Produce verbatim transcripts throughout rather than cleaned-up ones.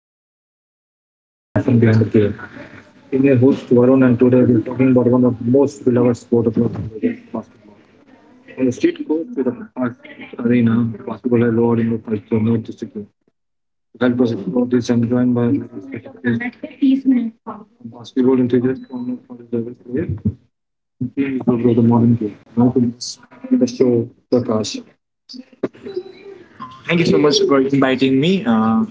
Sports stories and the passion behind the game. In your host Varun and today we're talking about one of the most beloved sports of the world, basketball. From the street court to the park arena, basketball has roared in the culture, not just a game. To help us explore this, I'm joined by basketball enthusiast, former college level player, and team lover of the modern game. Welcome to the show, Prakash. Thank you so much for inviting me. Uh,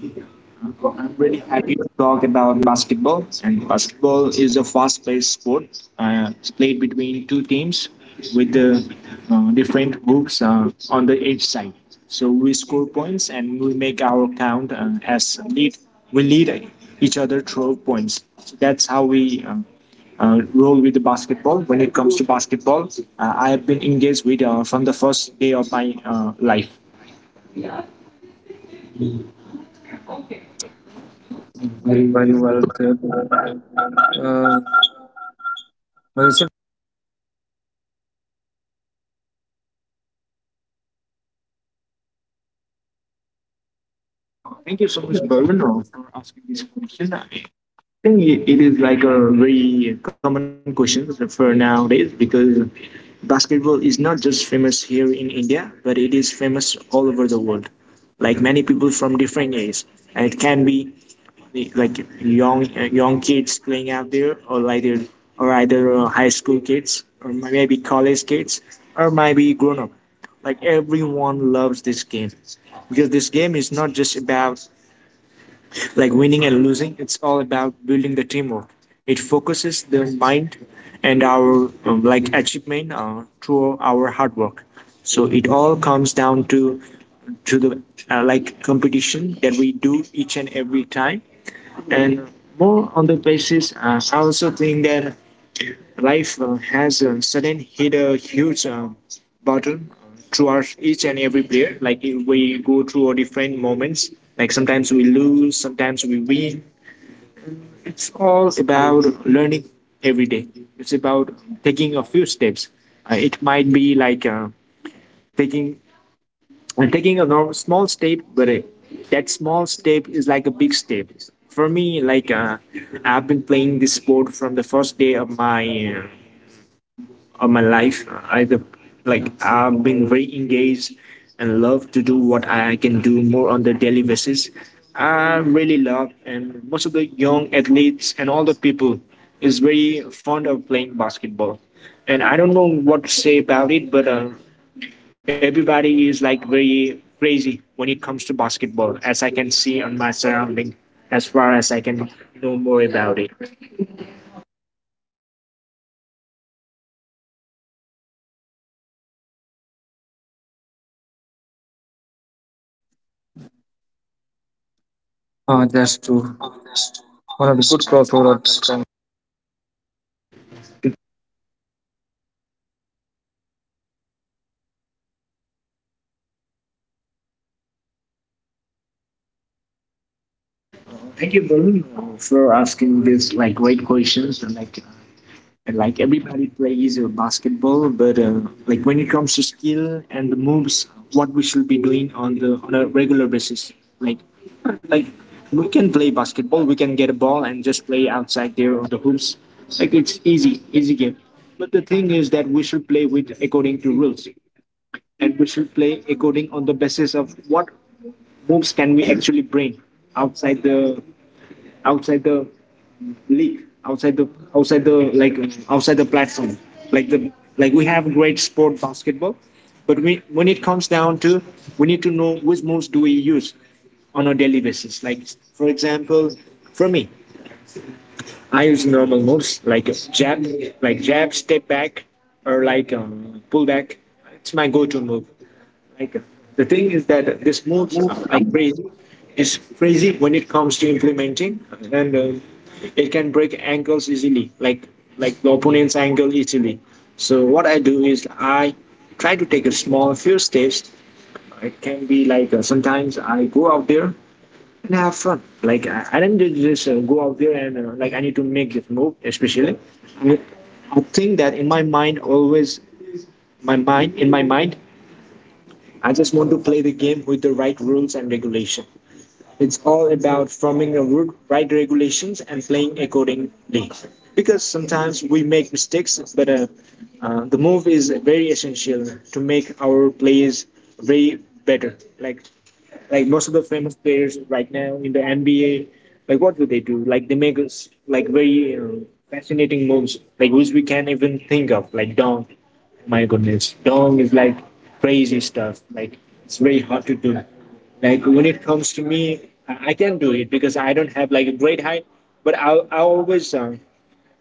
So I'm really happy to talk about basketball. And basketball is a fast-paced sport. Uh, it's played between two teams with the uh, different hoops uh, on the each side. So we score points and we make our count uh, as lead. We lead each other through points. So that's how we uh, uh, role with the basketball. When it comes to basketball, uh, I have been engaged with uh, from the first day of my uh, life. Very well said. Uh, well Thank you so much, Barun, for asking this question. I think it is like a very common question for nowadays because basketball is not just famous here in India, but it is famous all over the world. Like many people from different ages, and it can be like young uh, young kids playing out there, or like or either uh, high school kids, or maybe college kids, or maybe grown up. Like everyone loves this game because this game is not just about like winning and losing. It's all about building the teamwork. It focuses the mind and our um, like achievement uh, through our hard work. So it all comes down to to the uh, like competition that we do each and every time, and more on the basis. uh, I also think that life uh, has uh, sudden hit a huge uh, bottom uh, through our each and every player. Like if we go through our different moments, like sometimes we lose, sometimes we win, it's all about learning every day. It's about taking a few steps. Uh, it might be like uh, taking uh, taking a normal, small step, but uh, that small step is like a big step. For me, like uh, I've been playing this sport from the first day of my uh, of my life. I the like I've been very engaged and love to do what I can do more on the daily basis. I really love, and most of the young athletes and all the people is very fond of playing basketball. And I don't know what to say about it, but uh, everybody is like very crazy when it comes to basketball, as I can see on my surrounding, as far as I can know more about it. Uh, that's true. One of the good crossover that can Thank you, Varun, uh, for asking this like great questions, and like And like everybody plays uh, basketball, but uh, like when it comes to skill and the moves, what we should be doing on the on a regular basis. Like like we can play basketball, we can get a ball and just play outside there on the hoops. Like it's easy, easy game. But the thing is that we should play with according to rules, and we should play according on the basis of what moves can we actually bring outside the outside the league, outside the outside the like outside the platform. Like the like we have great sport basketball, but we, when it comes down to, we need to know which moves do we use on a daily basis. Like for example, for me, I use normal moves like jab, like jab, step back, or like um, pull back. It's my go-to move. Like the thing is that this moves are like crazy. It's crazy when it comes to implementing, and uh, it can break ankles easily. Like like the opponent's ankle easily. So what I do is I try to take a small few steps. It can be like uh, sometimes I go out there and I have fun. Like I, I didn't just uh, go out there and uh, like I need to make this move. Especially, I, I think that in my mind always, my mind in my mind I just want to play the game with the right rules and regulation. It's all about forming a ru- right regulations and playing accordingly. Because sometimes we make mistakes, but uh, uh, the move is very essential to make our plays way better. Like like most of the famous players right now in the N B A, like what do they do? Like they make us like very uh, fascinating moves, like which we can't even think of, like dunk. My goodness, dong is like crazy stuff. Like it's very hard to do. Like when it comes to me, I I can do it because I don't have like a great height, but I I always uh,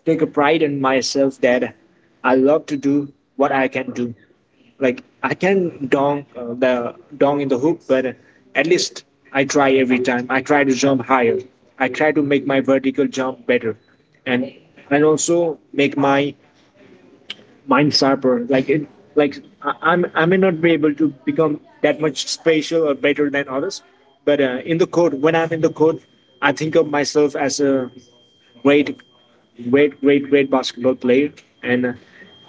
take a pride in myself that I love to do what I can do. Like I can dong uh, the dong in the hoop, but at least I try every time. I try to jump higher. I try to make my vertical jump better, and and also make my mind sharper. Like it, like I, I'm, I may not be able to become that much spatial or better than others, but uh, in the court, when I'm in the court, I think of myself as a great, great, great, great basketball player, and uh,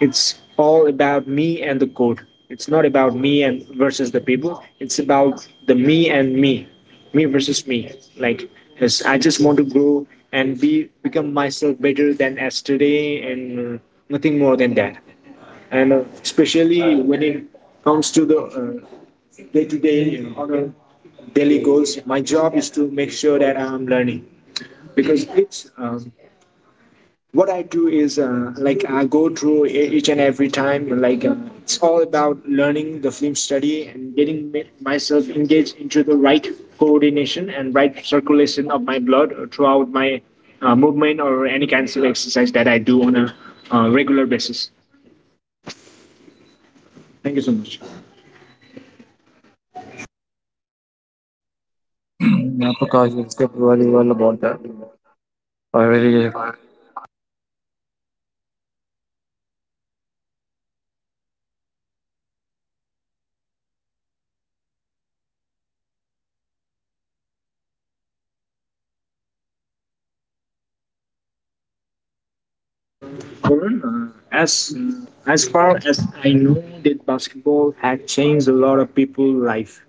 it's all about me and the court. It's not about me and versus the people. It's about the me and me, me versus me. Like, yes, I just want to grow and be become myself better than as today, and uh, nothing more than that. And uh, especially when it comes to the uh, day-to-day, uh, on a daily goals, my job is to make sure that I'm learning. Because it's um, what I do is uh, like I go through e- each and every time, like uh, it's all about learning the film study and getting myself engaged into the right coordination and right circulation of my blood throughout my uh, movement or any kind of exercise that I do on a uh, regular basis. Thank you so much. yeah, Prakash has said very well about that. I really Varun, uh, as as far as I know, that basketball had changed a lot of people's life,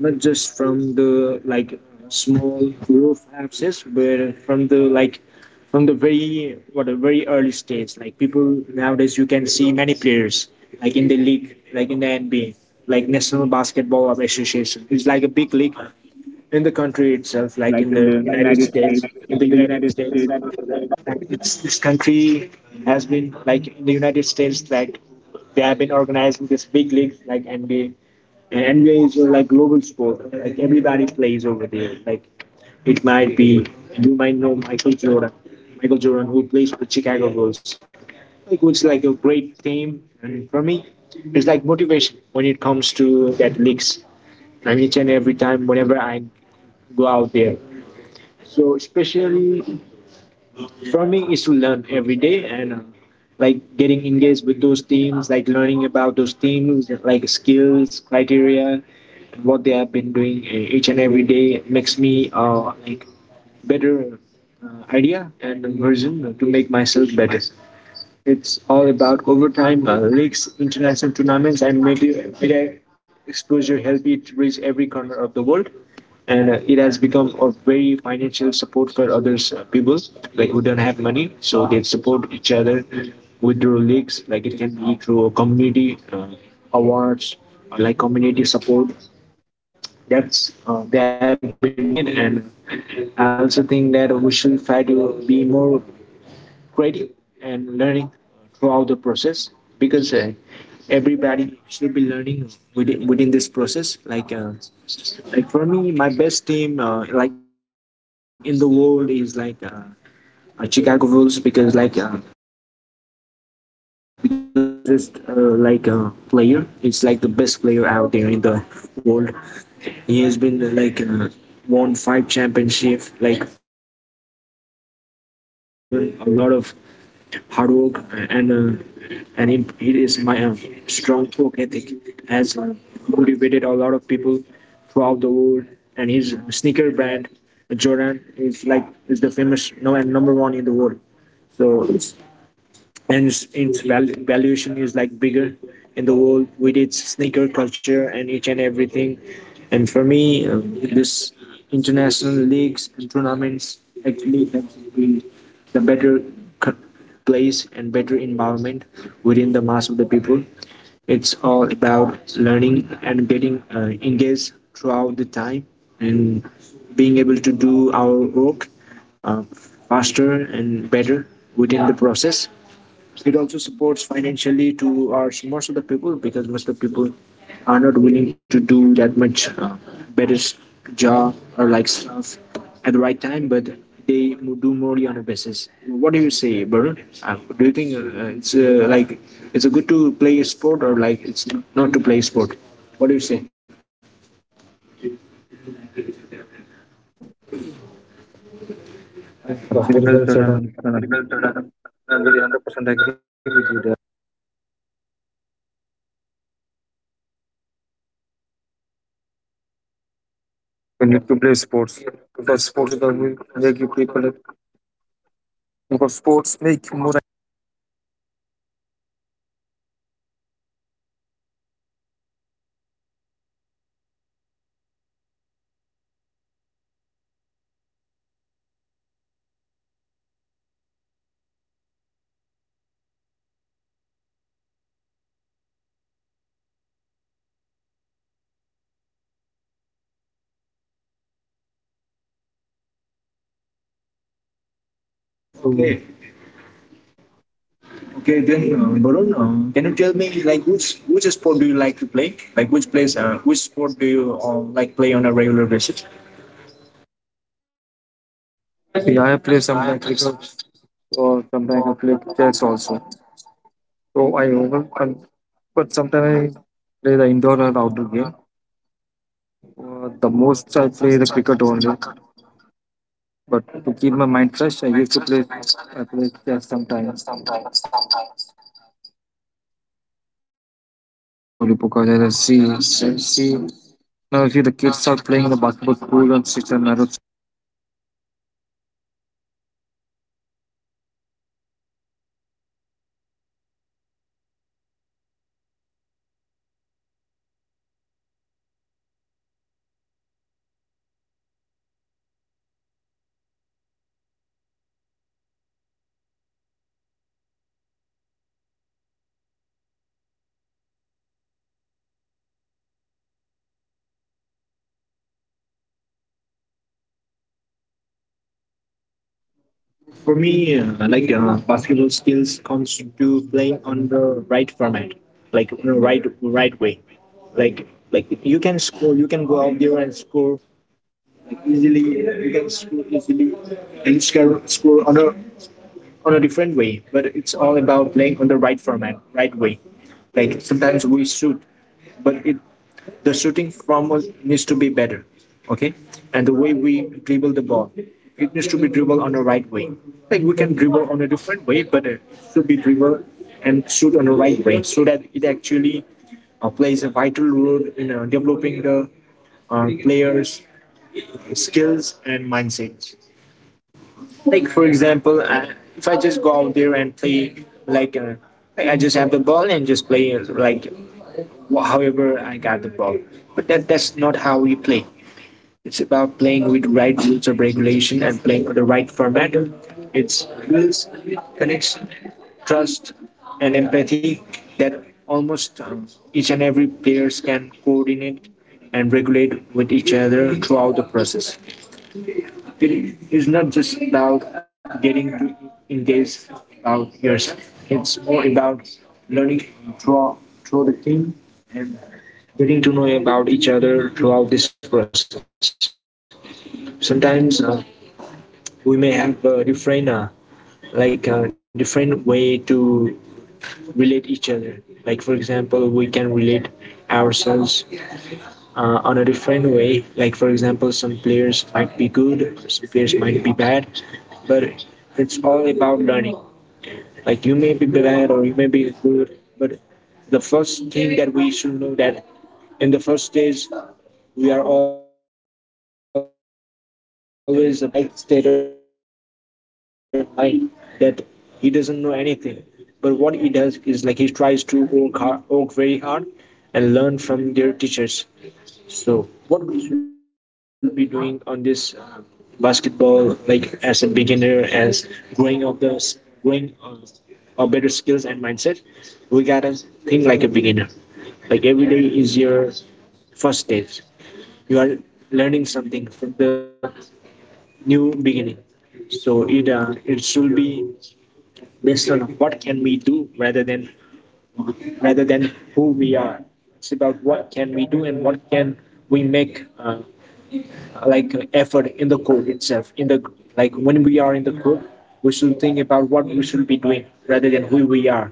not just from the like small roof houses, but from the like from the very what a very early stage. Like people nowadays, you can see many players like in the league, like in the N B A, like National Basketball Association. It's like a big league in the country itself, like like in in the the United United States, States. in the In the United United States, States. It's, this country has been like in the United States, like they have been organizing this big league like N B A. And N B A is uh, like global sport. Like everybody plays over there. Like it might be you might know Michael Jordan, Michael Jordan who plays for Chicago Bulls. Like it's like a great team. And for me, it's like motivation when it comes to that leagues. And each and every time, whenever I go out there. So especially for me is to learn every day and uh, like getting engaged with those teams, like learning about those teams, like skills criteria, what they have been doing uh, each and every day, makes me uh, like better uh, idea and version to make myself better. It's all about overtime, uh, leagues, international tournaments, and media, media exposure help it reach every corner of the world. And uh, it has become a very financial support for others uh, people, like who don't have money, so they support each other with their leagues. Like it can be through community uh, awards, like community support. That's uh, they have been doing it, and I also think that we should try to be more grading and learning throughout the process, because uh, everybody should be learning within within this process. Like uh, like for me, my best team uh, like in the world is like uh, uh, Chicago Bulls, because like uh, because because of the Michael Jordan. Michael Jordan is not just uh, like a player; it's like the best player out there in the world. He has been uh, like uh, won five championships, like been given a lot of hard work, uh, and uh, and he, he is my uh, strong work ethic has uh, motivated a lot of people throughout the world. And his sneaker brand, Jordan, is like is the famous, no and number one in the world. So it's and its val- valuation is like bigger in the world with its sneaker culture and each and everything. And for me, um, this international leagues and tournaments actually helps build the better co- place and better environment within the mass of the people. It's all about learning and getting uh, engaged throughout the time and being able to do our work uh, faster and better within the process. It also supports financially to our most of the people, because most of the people are not willing to do that much uh, better s- job or like stuff at the right time, but they mo- do morely on a basis. What do you say, Varun? Uh, do you think uh, it's uh, like it's a good to play a sport or like it's not to play sport? What do you say? Well very said. well said, and and- I really hundred percent agree with you there. We need to play sports because sports is the will make you people because sports make you more. Okay. Okay, then uh, Varun, uh, can you tell me like which which sport do you like to play? Like which plays uh, which sport do you uh, like play on a regular basis? See, I play some, like cricket, or sometimes I play chess also. So I over, um, but sometimes I play the indoor or outdoor game. Uh, the most I play the cricket only. But to keep my mind fresh, I used to play. I play chess sometimes. I have a question for you because I just see, I see now. I see the kids are playing the basketball school and six and narrow. For me, uh, like uh, basketball skills comes to playing on the right format, like you know, right right way. Like like you can score, you can go out there and score like, easily. uh, You can score easily, and you can score on a on a different way. But it's all about playing on the right format, right way. Like sometimes we shoot, but it the shooting from us needs to be better, okay, and the way we dribble the ball, it needs to be dribbled on the right way. Like we can dribble on a different way, but it should be dribbled and shoot on the right way, so that it actually uh, plays a vital role in uh, developing the uh, players skills and mindsets. Like for example, uh, if I just go out there and play like uh, like I just have the ball and just play uh, like wh- however I got the ball, but that that's not how we play. It's about playing with right rules of regulation and playing with the right format. It's builds connection, trust, and empathy, that almost um, each and every players can coordinate and regulate with each other throughout the process. It is not just about getting to engage about yourself. It's more about learning through through the team and getting to know about each other throughout this process. Sometimes uh, we may have uh, different uh, like uh, different way to relate each other. Like for example, we can relate ourselves uh, on a different way. Like for example, some players might be good, some players might be bad, but it's all about learning. Like you may be bad or you may be good, but the first thing that we should know, that in the first stage, we are always a beginner. A beginner plays with the right state of mind, that he doesn't know anything. But what he does is like he tries to work hard, work very hard, and learn from their teachers. So what we should be doing on this uh, basketball, like as a beginner, as growing of the growing uh, better skills and mindset, we gotta think like a beginner. Like every day is your first stage. You are learning something from the new beginning. So it uh, it should be based on what can we do rather than rather than who we are. It's about what can we do and what can we make uh, like uh, effort in the code itself. In the like when we are in the code, we should think about what we should be doing rather than who we are.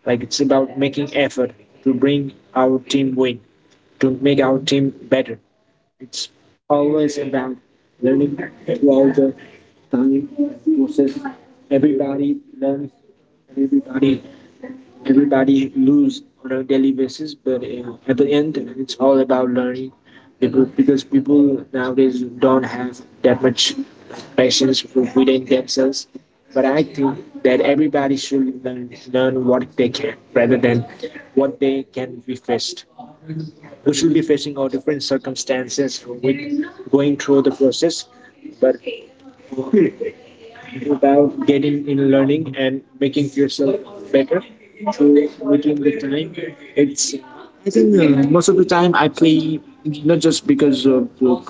Like it's about making effort to bring our team win, to make our team better. It's always about learning throughout the time and process. Everybody learns and everybody everybody lose on a daily basis, but uh, at the end, it's all about learning. People, because people nowadays don't have that much patience with- within themselves. But I think that everybody should learn learn what they can rather than what they can be faced. We should be facing all different circumstances with going through the process, but uh, without getting in learning and making yourself better through within the time. It's I think uh, most of the time I play not just because of uh,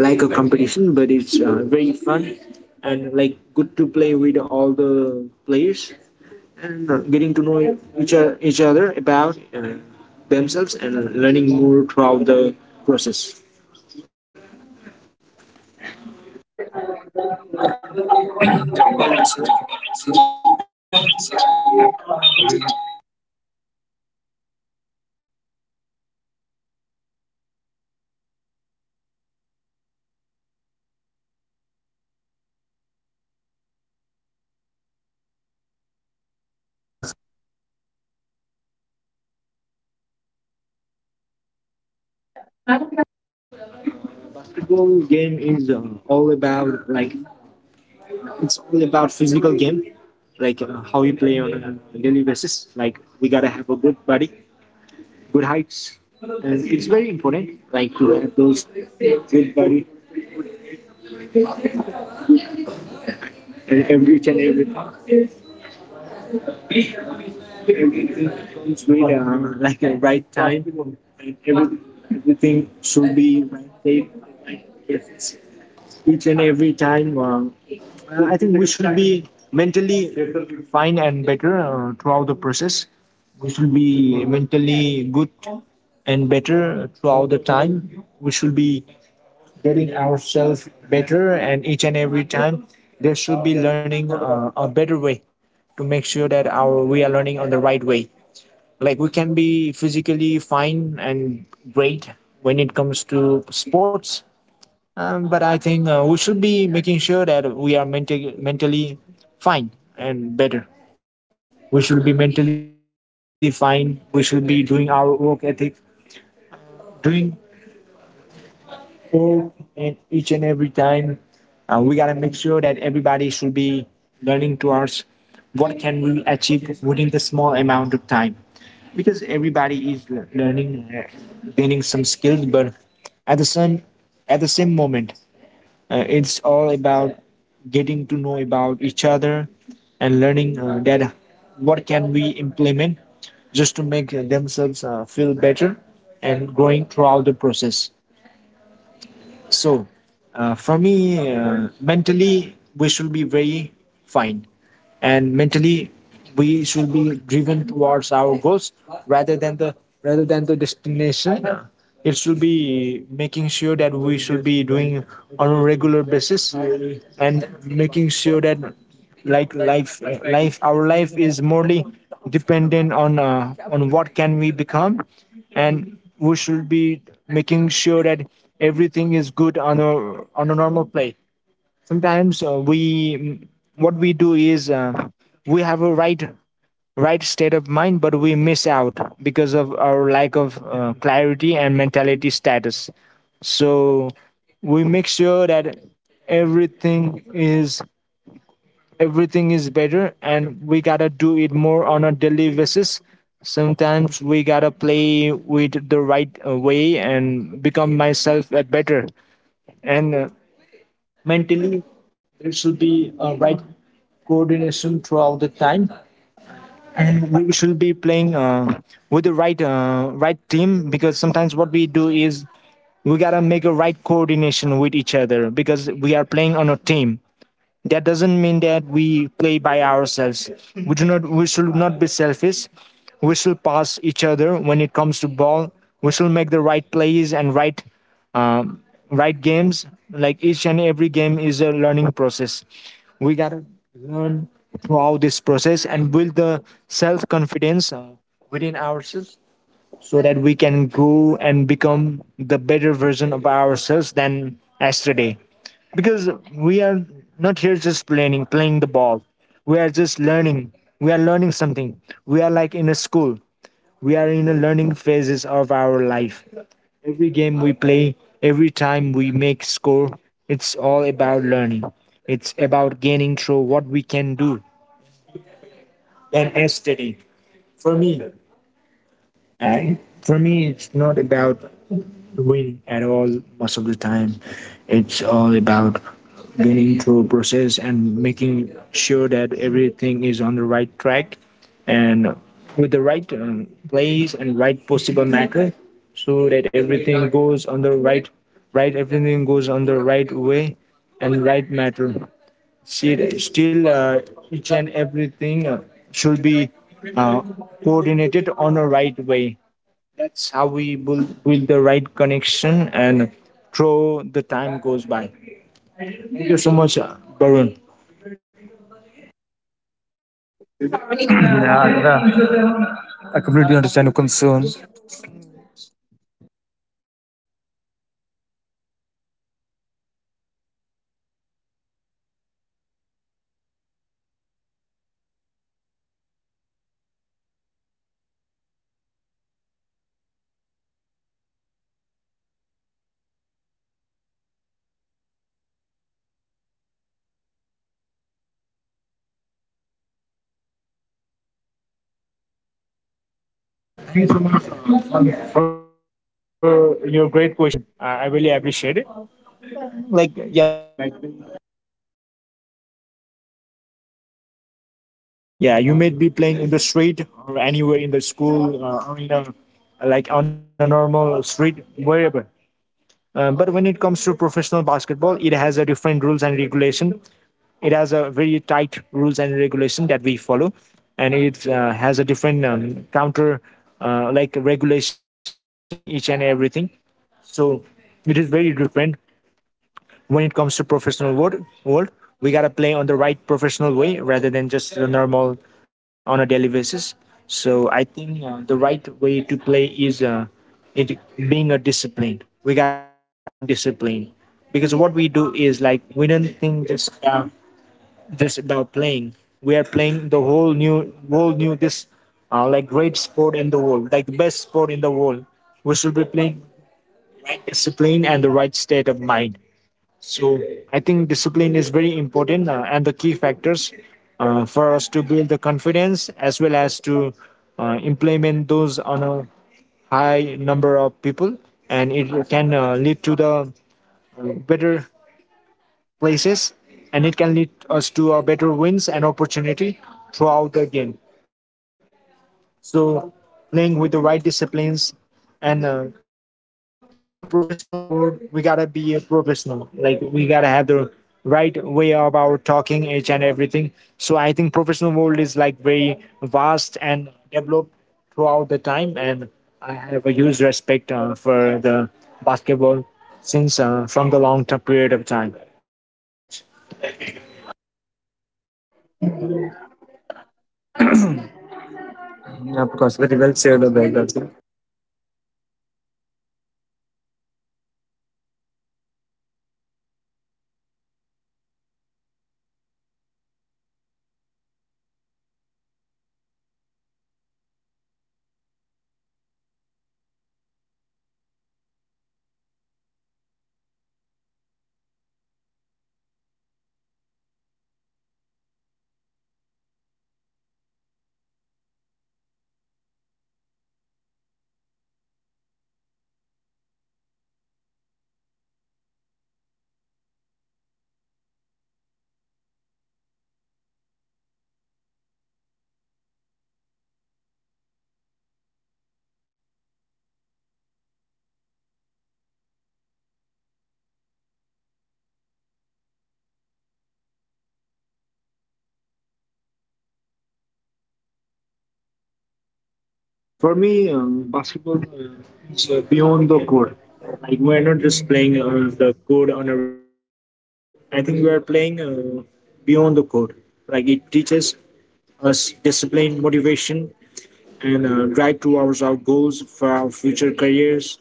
like a competition, but it's uh, very fun and like good to play with all the players, and uh, getting to know each, o- each other about uh, themselves and learning more throughout the process. The Yeah, basketball game is uh, all about like it's all about physical game, like uh, how we play on a daily basis. Like we gotta have a good body, good heights, and it's very important. Like to have those good body and every and everything. It's really uh, like a right time. Every, everything should be right shape. It's each and every time. Uh, Uh, I think we should be mentally fine and better uh, throughout the process. We should be mentally good and better throughout the time. We should be getting ourselves better, and each and every time there should be learning uh, a better way to make sure that our we are learning on the right way. Like we can be physically fine and great when it comes to sports, um, but I think uh, we should be making sure that we are mentally mentally fine and better. We should be mentally fine. We should be doing our work ethic, doing work and each and every time. Uh, we gotta make sure that everybody should be learning towards what can we achieve within the small amount of time, because everybody is learning, uh, gaining some skills, but at the same at the same moment Uh, it's all about getting to know about each other and learning uh, that what can we implement just to make uh, themselves uh, feel better and growing throughout the process. So, uh, for me, uh, mentally, we should be very fine. And mentally, we should be driven towards our goals rather than the rather than the destination. It should be making sure that we should be doing on a regular basis, and making sure that like life uh, life our life is morely dependent on uh, on what can we become, and we should be making sure that everything is good on a on a normal play. Sometimes uh, we what we do is uh, we have a right right state of mind, but we miss out because of our lack of uh, clarity and mentality status. So we make sure that everything is everything is better, and we gotta do it more on a daily basis. Sometimes we gotta play with the right uh, way and become myself uh, better, and uh, mentally there should be a right coordination throughout the time, and we should be playing uh, with the right uh, right team, because sometimes what we do is we gotta make a right coordination with each other. Because we are playing on a team, that doesn't mean that we play by ourselves. We do not. We should not be selfish. We should pass each other when it comes to ball. We should make the right plays and right, um, right games. Like each and every game is a learning process. We gotta learn throughout this process and build the self confidence uh, within ourselves, so that we can grow and become the better version of ourselves than yesterday. Because we are not here just playing, playing the ball. We are just learning. We are learning something. We are like in a school. We are in the learning phases of our life. Every game we play, every time we make score, it's all about learning. It's about gaining through what we can do. And yesterday, for me, I, for me, it's not about winning at all most of the time. It's all about getting through a process and making sure that everything is on the right track, and with the right um, place and right possible matter, so that everything goes on the right right everything goes on the right way and right matter. See, still uh, each and everything uh, should be uh, coordinated on the right way. That's how we build, build the right connection, and throw the time goes by. Thank you so much, uh, Barun. yeah, I completely understand your concern. Thank you so much uh, for your great question. I I really appreciate it. Like, yeah, Yeah, basketball is like very different from the professional world. Like, yeah, you may be playing in the street or anywhere in the school uh, or in a like on a normal street, wherever. Uh, but when it comes to professional basketball, it has a different rules and regulation. It has a very tight rules and regulation that we follow, and it uh, has a different um, counter uh, like regulation each and everything. So it is very different when it comes to professional world. World we gotta play on the right professional way rather than just the normal on a daily basis. So I think uh, the right way to play is uh, it being a discipline. We gotta be in discipline because what we do is like we don't think just uh, just about playing. We are playing the whole new, whole new this, uh, like great sport in the world, like the best sport in the world. We should be playing right discipline and the right state of mind. So I think discipline is very important uh, and the key factors uh, for us to build the confidence as well as to uh, implement those on a high number of people, and it can uh, lead to the uh, better places, and it can lead us to uh, better wins and opportunity throughout the game. So, playing with the right disciplines, and uh, in the professional world, we gotta be a professional. Like we gotta have the right way about talking each and everything. So I think professional world is like very vast and developed throughout the time, and I have a huge respect uh, for the basketball since uh, from the long term period of time. because very well said about Uh, for me, uh, basketball uh, is uh, beyond the court. Like we are not just playing uh, the court on a regular basis. I think we are playing uh, beyond the court. Like it teaches us discipline, motivation, and uh, drive towards our goals for our future careers.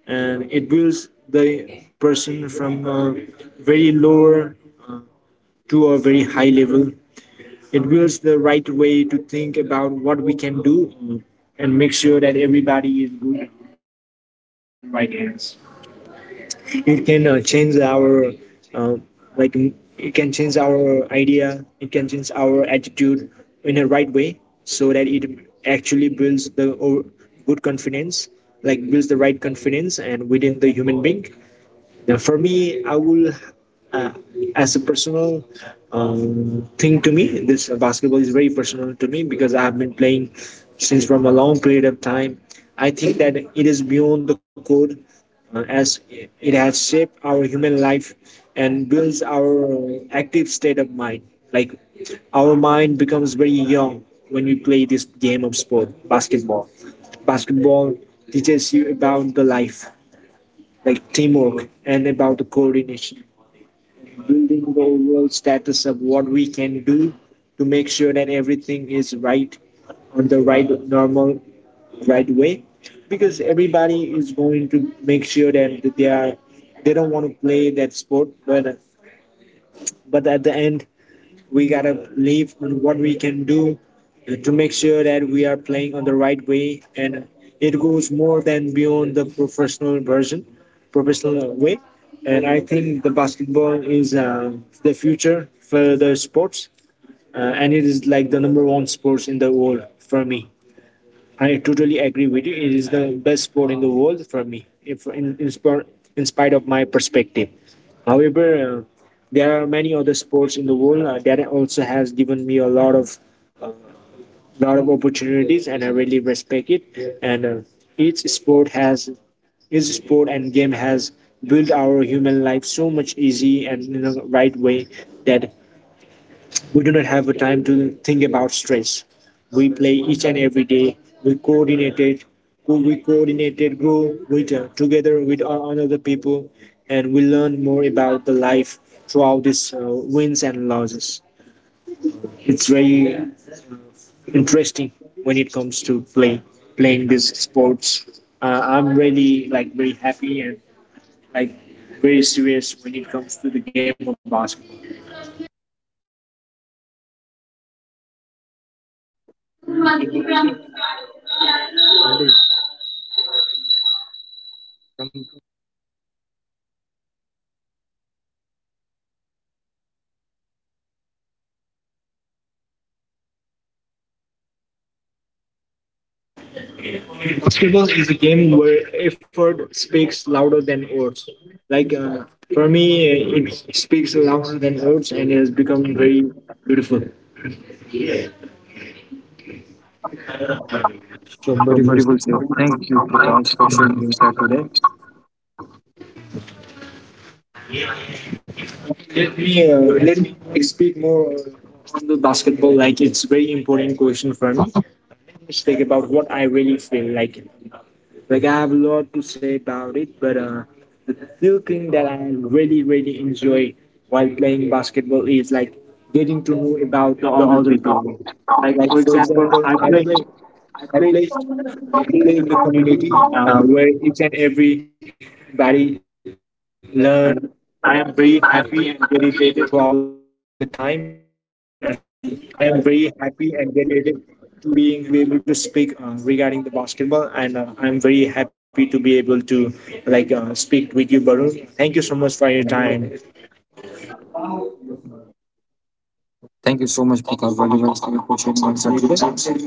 And it builds the person from a very lower uh, to a very high level. It builds the right way to think about what we can do uh, and make sure that everybody is good on the right hands. It can uh, change our uh, like it can change our idea, it can change our attitude in a right way, so that it actually builds the o- good confidence, like builds the right confidence and within the human being. Now, for me, I will, uh, as a personal um, thing to me, this uh, basketball is very personal to me because I have been playing since from a long period of time. I think that it is beyond the code uh, as it has shaped our human life and builds our active state of mind. Like our mind becomes very young when we play this game of sport, basketball. Basketball teaches you about the life, like teamwork and about the coordination, building the overall status of what we can do to make sure that everything is right on the right normal right way, because everybody is going to make sure that they are, they don't want to play that sport, but but at the end we gotta live on what we can do uh, to make sure that we are playing on the right way. And it goes more than beyond the professional version professional uh, way And I think the basketball is uh, the future for the sports, uh, and it is like the number one sports in the world for me. I totally agree with you. It is the best sport in the world for me, if in, in, spor- in spite of my perspective. However, uh, there are many other sports in the world uh, that also has given me a lot of lot of opportunities, and I really respect it. And uh, each sport has each sport and game has built our human life so much easy and in a right way that we do not have a time to think about stress. We play each and every day. We coordinated, we coordinated, grow with uh, together with o- another people, and we learn more about the life throughout these uh, wins and losses. It's very interesting when it comes to play playing these sports. Uh, I'm really like very happy and like very serious when it comes to the game of basketball. that. Basketball is a game where effort speaks louder than words. Like uh, for me, uh, it speaks louder than words and it has Become become very beautiful. so Sure, beautiful, beautiful. sir. Thank you, Prakash, for sharing your insight today. Let me uh, let me speak more uh, on the basketball. Like it's very important question for me. Mistake about what I really feel like. Like I have a lot to say about it, but uh, the few thing that I really really enjoy while playing basketball is like getting to know about The the other other people, people. like Like for for example, example, I I play, play I I play play, I in play the in the community, community um, uh, where each and every body learn throughout the time, and and I I am am very very happy happy and and dedicated, dedicated to being learned throughout the process. Uh, I'm very happy to be able to speak uh, regarding the basketball, and uh, I'm very happy to be able to like uh, speak with you, Barun. Thank you so excited much by for your it. And time. thank you so much, Prakash, for your insight, for sharing your insight today.